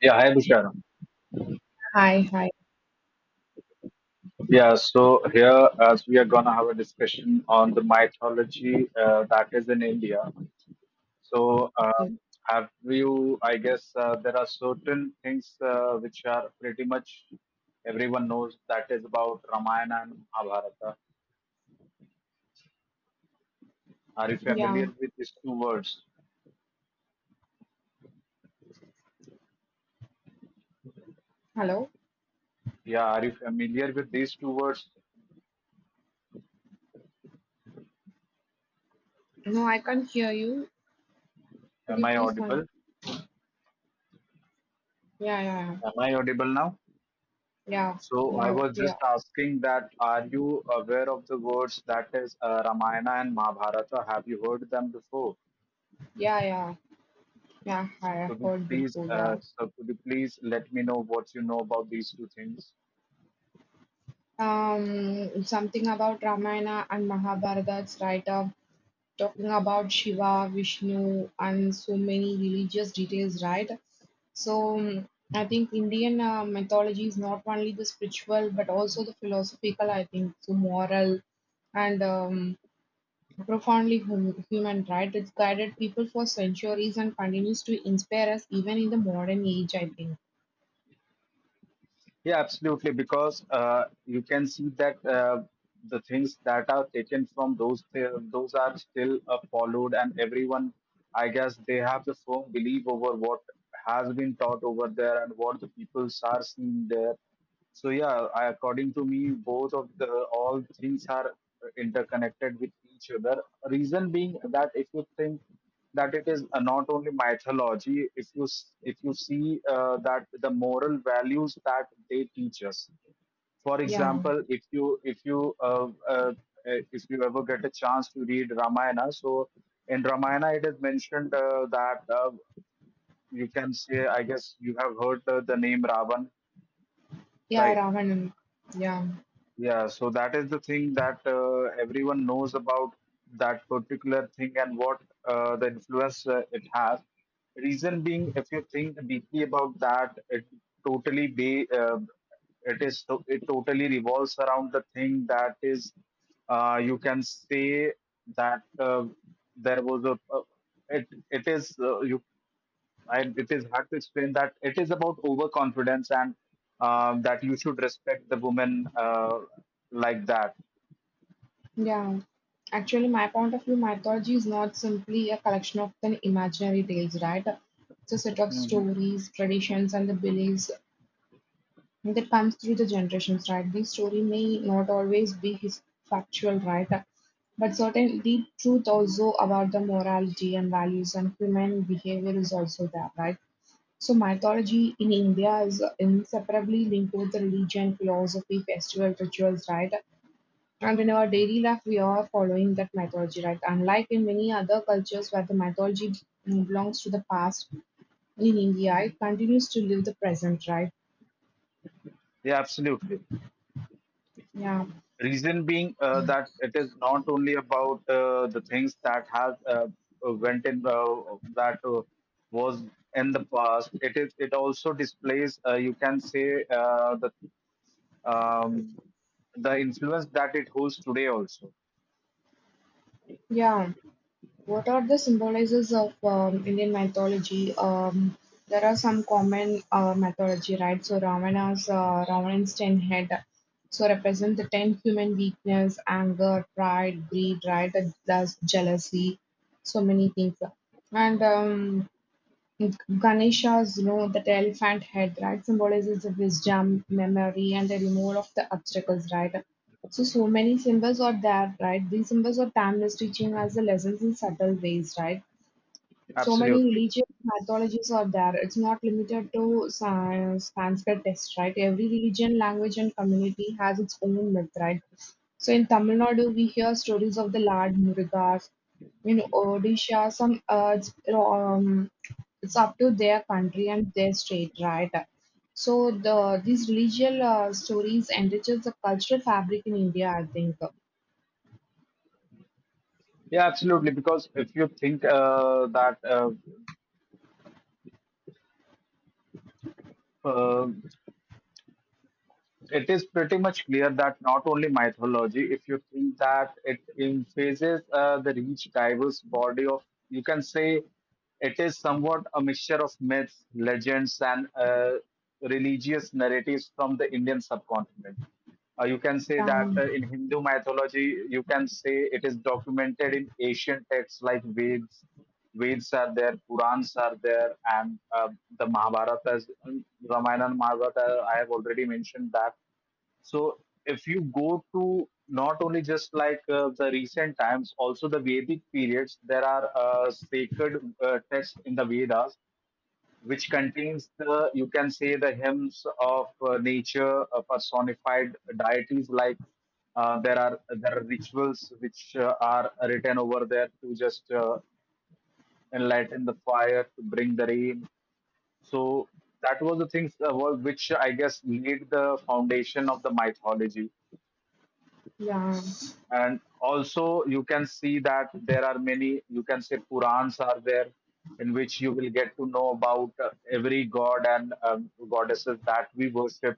Yeah, hi Busharam. Hi, hi. Yeah, so here as we are gonna have a discussion on the mythology that is in India. So um, have you? I guess there are certain things which are pretty much everyone knows that is about Ramayana and Mahabharata. Are you Yeah, familiar with these two words? hello. Yeah, are you familiar with these two words? No, I can't hear you. Could Am you I please audible? Yeah, yeah, yeah. Am I audible now? Yeah, So I was just yeah, asking that are you aware of the words that is Ramayana and Mahabharata? Have you heard them before? yeah, yeah. Yeah, So hi, I could you heard please, Bilkul, yeah. So could you please let me know what you know about these two things? Something about Ramayana and Mahabharata's right up. Talking about Shiva, Vishnu, and so many religious details, right? So, I think Indian mythology is not only the spiritual but also the philosophical, I think, so moral and profoundly human right, it's guided people for centuries and continues to inspire us even in the modern age, I think. Yeah, absolutely. Because you can see that the things that are taken from those are still followed, and everyone, I guess, they have the firm belief over what has been taught over there and what the peoples are seeing there. So yeah, I, according to me, both of the all things are interconnected with each other. Reason being that if you think that it is not only mythology, if you see that the moral values that they teach us. For Yeah, example, if you ever get a chance to read Ramayana, so in Ramayana it is mentioned that you can say, I guess you have heard the name Ravan, yeah, right? Ravanam. Yeah, Yeah, so that is the thing that everyone knows about that particular thing and what the influence it has. Reason being, if you think deeply about that, totally be uh, it totally revolves around the thing that is you can say that there was a it it is you and it is hard to explain that it is about overconfidence and that you should respect the woman like that. yeah. Actually, my point of view, mythology is not simply a collection of the imaginary tales, right? It's a set of Mhm. stories, traditions, and the beliefs that comes through the generations, right? The story may not always be his factual, right? But certainly, truth also about the morality and values and human behavior is also there, right? So, mythology in India is inseparably linked with the religion, philosophy, festival, rituals, right? And in our daily life, we are following that mythology, right? Unlike in many other cultures where the mythology belongs to the past, in India, it continues to live the present, right? Yeah, absolutely. Yeah, Reason being that it is not only about the things that has went in that was in the past. It also displays you can say um, the influence that it holds today also. yeah. What are the symbolizers of Indian mythology? There are some common mythology, right? So Ravana's ten head, so represent the ten human weakness, anger, pride, greed, right? And that's jealousy, so many things. And Ganesha's, you know, that elephant head, right, symbolizes the wisdom, memory, and the removal of the obstacles, right? So, so many symbols are there, right? These symbols are timeless, teaching us the lessons in subtle ways, right? So many Absolutely. religious mythologies are there. It's not limited to Sanskrit texts, right? Every religion, language, and community has its own myth, right? So in Tamil Nadu, we hear stories of the Lord Murugas. In Odisha, some it's up to their country and their state, right? So these religious stories enriches the cultural fabric in India, I think. Yeah, absolutely. Because if you think that uh, it is pretty much clear that not only mythology, if you think that it emphasizes the rich, diverse body of, you can say it is somewhat a mixture of myths, legends, and religious narratives from the Indian subcontinent. You can say that Um, in Hindu mythology, you can say it is documented in ancient texts like Veds. Veds are there, Purans are there, and the Ramayana and Mahabharata, I have already mentioned that. So if you go to not only just like the recent times, also the Vedic periods, there are sacred texts in the Vedas which contains the, you can say, the hymns of nature, personified deities. Like there are rituals which are written over there to just enlighten the fire, to bring the rain. So that was the which I guess laid the foundation of the mythology, yeah, and also you can see that there are many, you can say, purans are there in which you will get to know about every god and goddesses that we worship.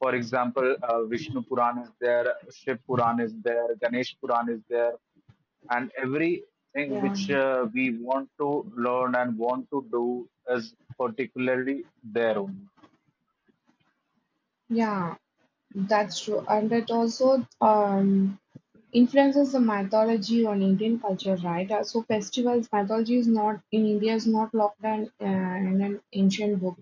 For example, Vishnu Puran is there, Shiv Puran is there, Ganesh Puran is there, and everything which yeah, we want to learn and want to do is particularly there only. yeah. That's true, and it also influences the mythology on Indian culture, right? So festivals mythology is not in India is not locked down in an ancient book.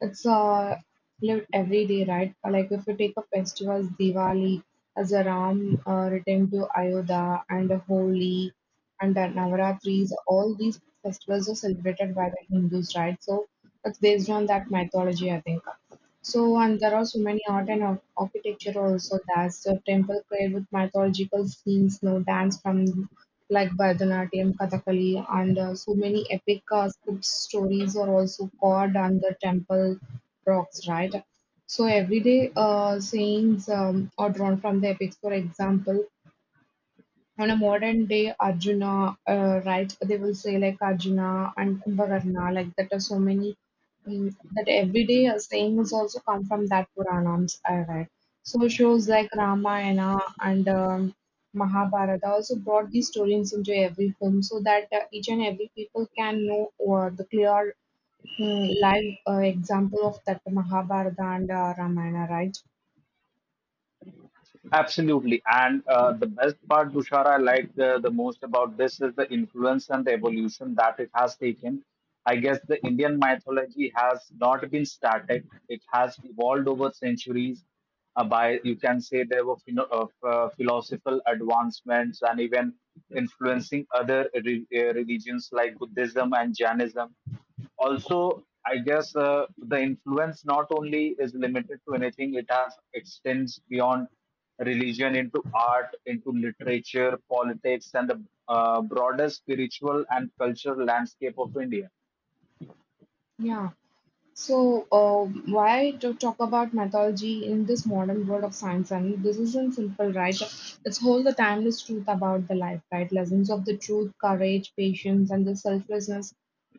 It's lived every day, right? Like if you take a festival, Diwali, as a Ram returned to Ayodhya, and a Holi, and the Navaratris, all these festivals are celebrated by the Hindus, right? So it's based on that mythology, I think. So, and there are so many art and architecture also. There's the temple created with mythological scenes, no dance from like Bharatanatyam, Kathakali, and so many epic script stories are also carved on the temple rocks, right? So everyday sayings are drawn from the epics. For example, on a modern day Arjuna, right? They will say like Arjuna and Kumbhakarna, like that are so many that everyday sayings also come from that Puranams, I read. So shows like Ramayana and Mahabharata also brought these stories into every film so that each and every people can know the clear live example of that Mahabharata and Ramayana, right? Absolutely. And the best part, Dushara, I like the most about this is the influence and the evolution that it has taken. I guess the Indian mythology has not been static, it has evolved over centuries. By you can say there were philosophical advancements and even influencing religions like Buddhism and Jainism also. I guess the influence not only is limited to anything, it has extends beyond religion into art, into literature, politics, and the broader spiritual and cultural landscape of India. Yeah. So, why to talk about mythology in this modern world of science? I mean, this isn't simple, right? It's hold the timeless truth about the life, right? Lessons of the truth, courage, patience, and the selflessness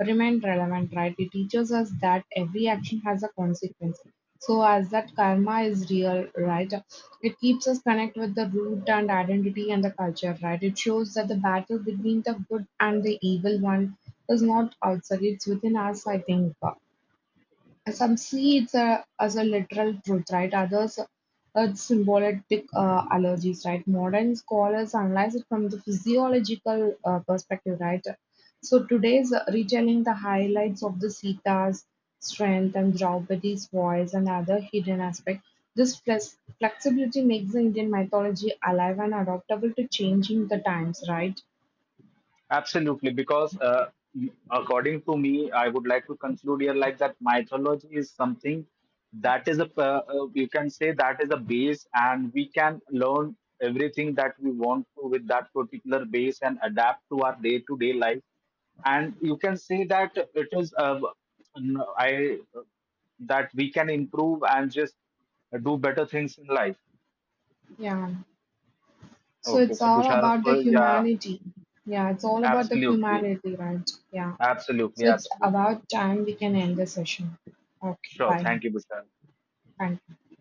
remain relevant, right? It teaches us that every action has a consequence. So, as that karma is real, right? It keeps us connect with the root and identity and the culture, right? It shows that the battle between the good and the evil one is not outside; it's within us. I think. Some see it as a literal truth, right? Others as symbolic allergies, right? Modern scholars analyze it from the physiological perspective, right? So today's retelling the highlights of the Sita's strength and Draupadi's voice and other hidden aspects. This flexibility makes the Indian mythology alive and adaptable to changing the times, right? Absolutely, because according to me, I would like to conclude here like that mythology is something that is a you can say that is a base, and we can learn everything that we want to with that particular base and adapt to our day to day life. And you can say that it is n- I that we can improve and just do better things in life. Yeah. So Okay, it's so all Bushara, about the so yeah, humanity. Yeah, it's all about the absolutely, humanity, right? Yeah. absolutely, So it's absolutely. about time we can end the session. Okay, Sure. bye. Thank you, Vishal. Thank you.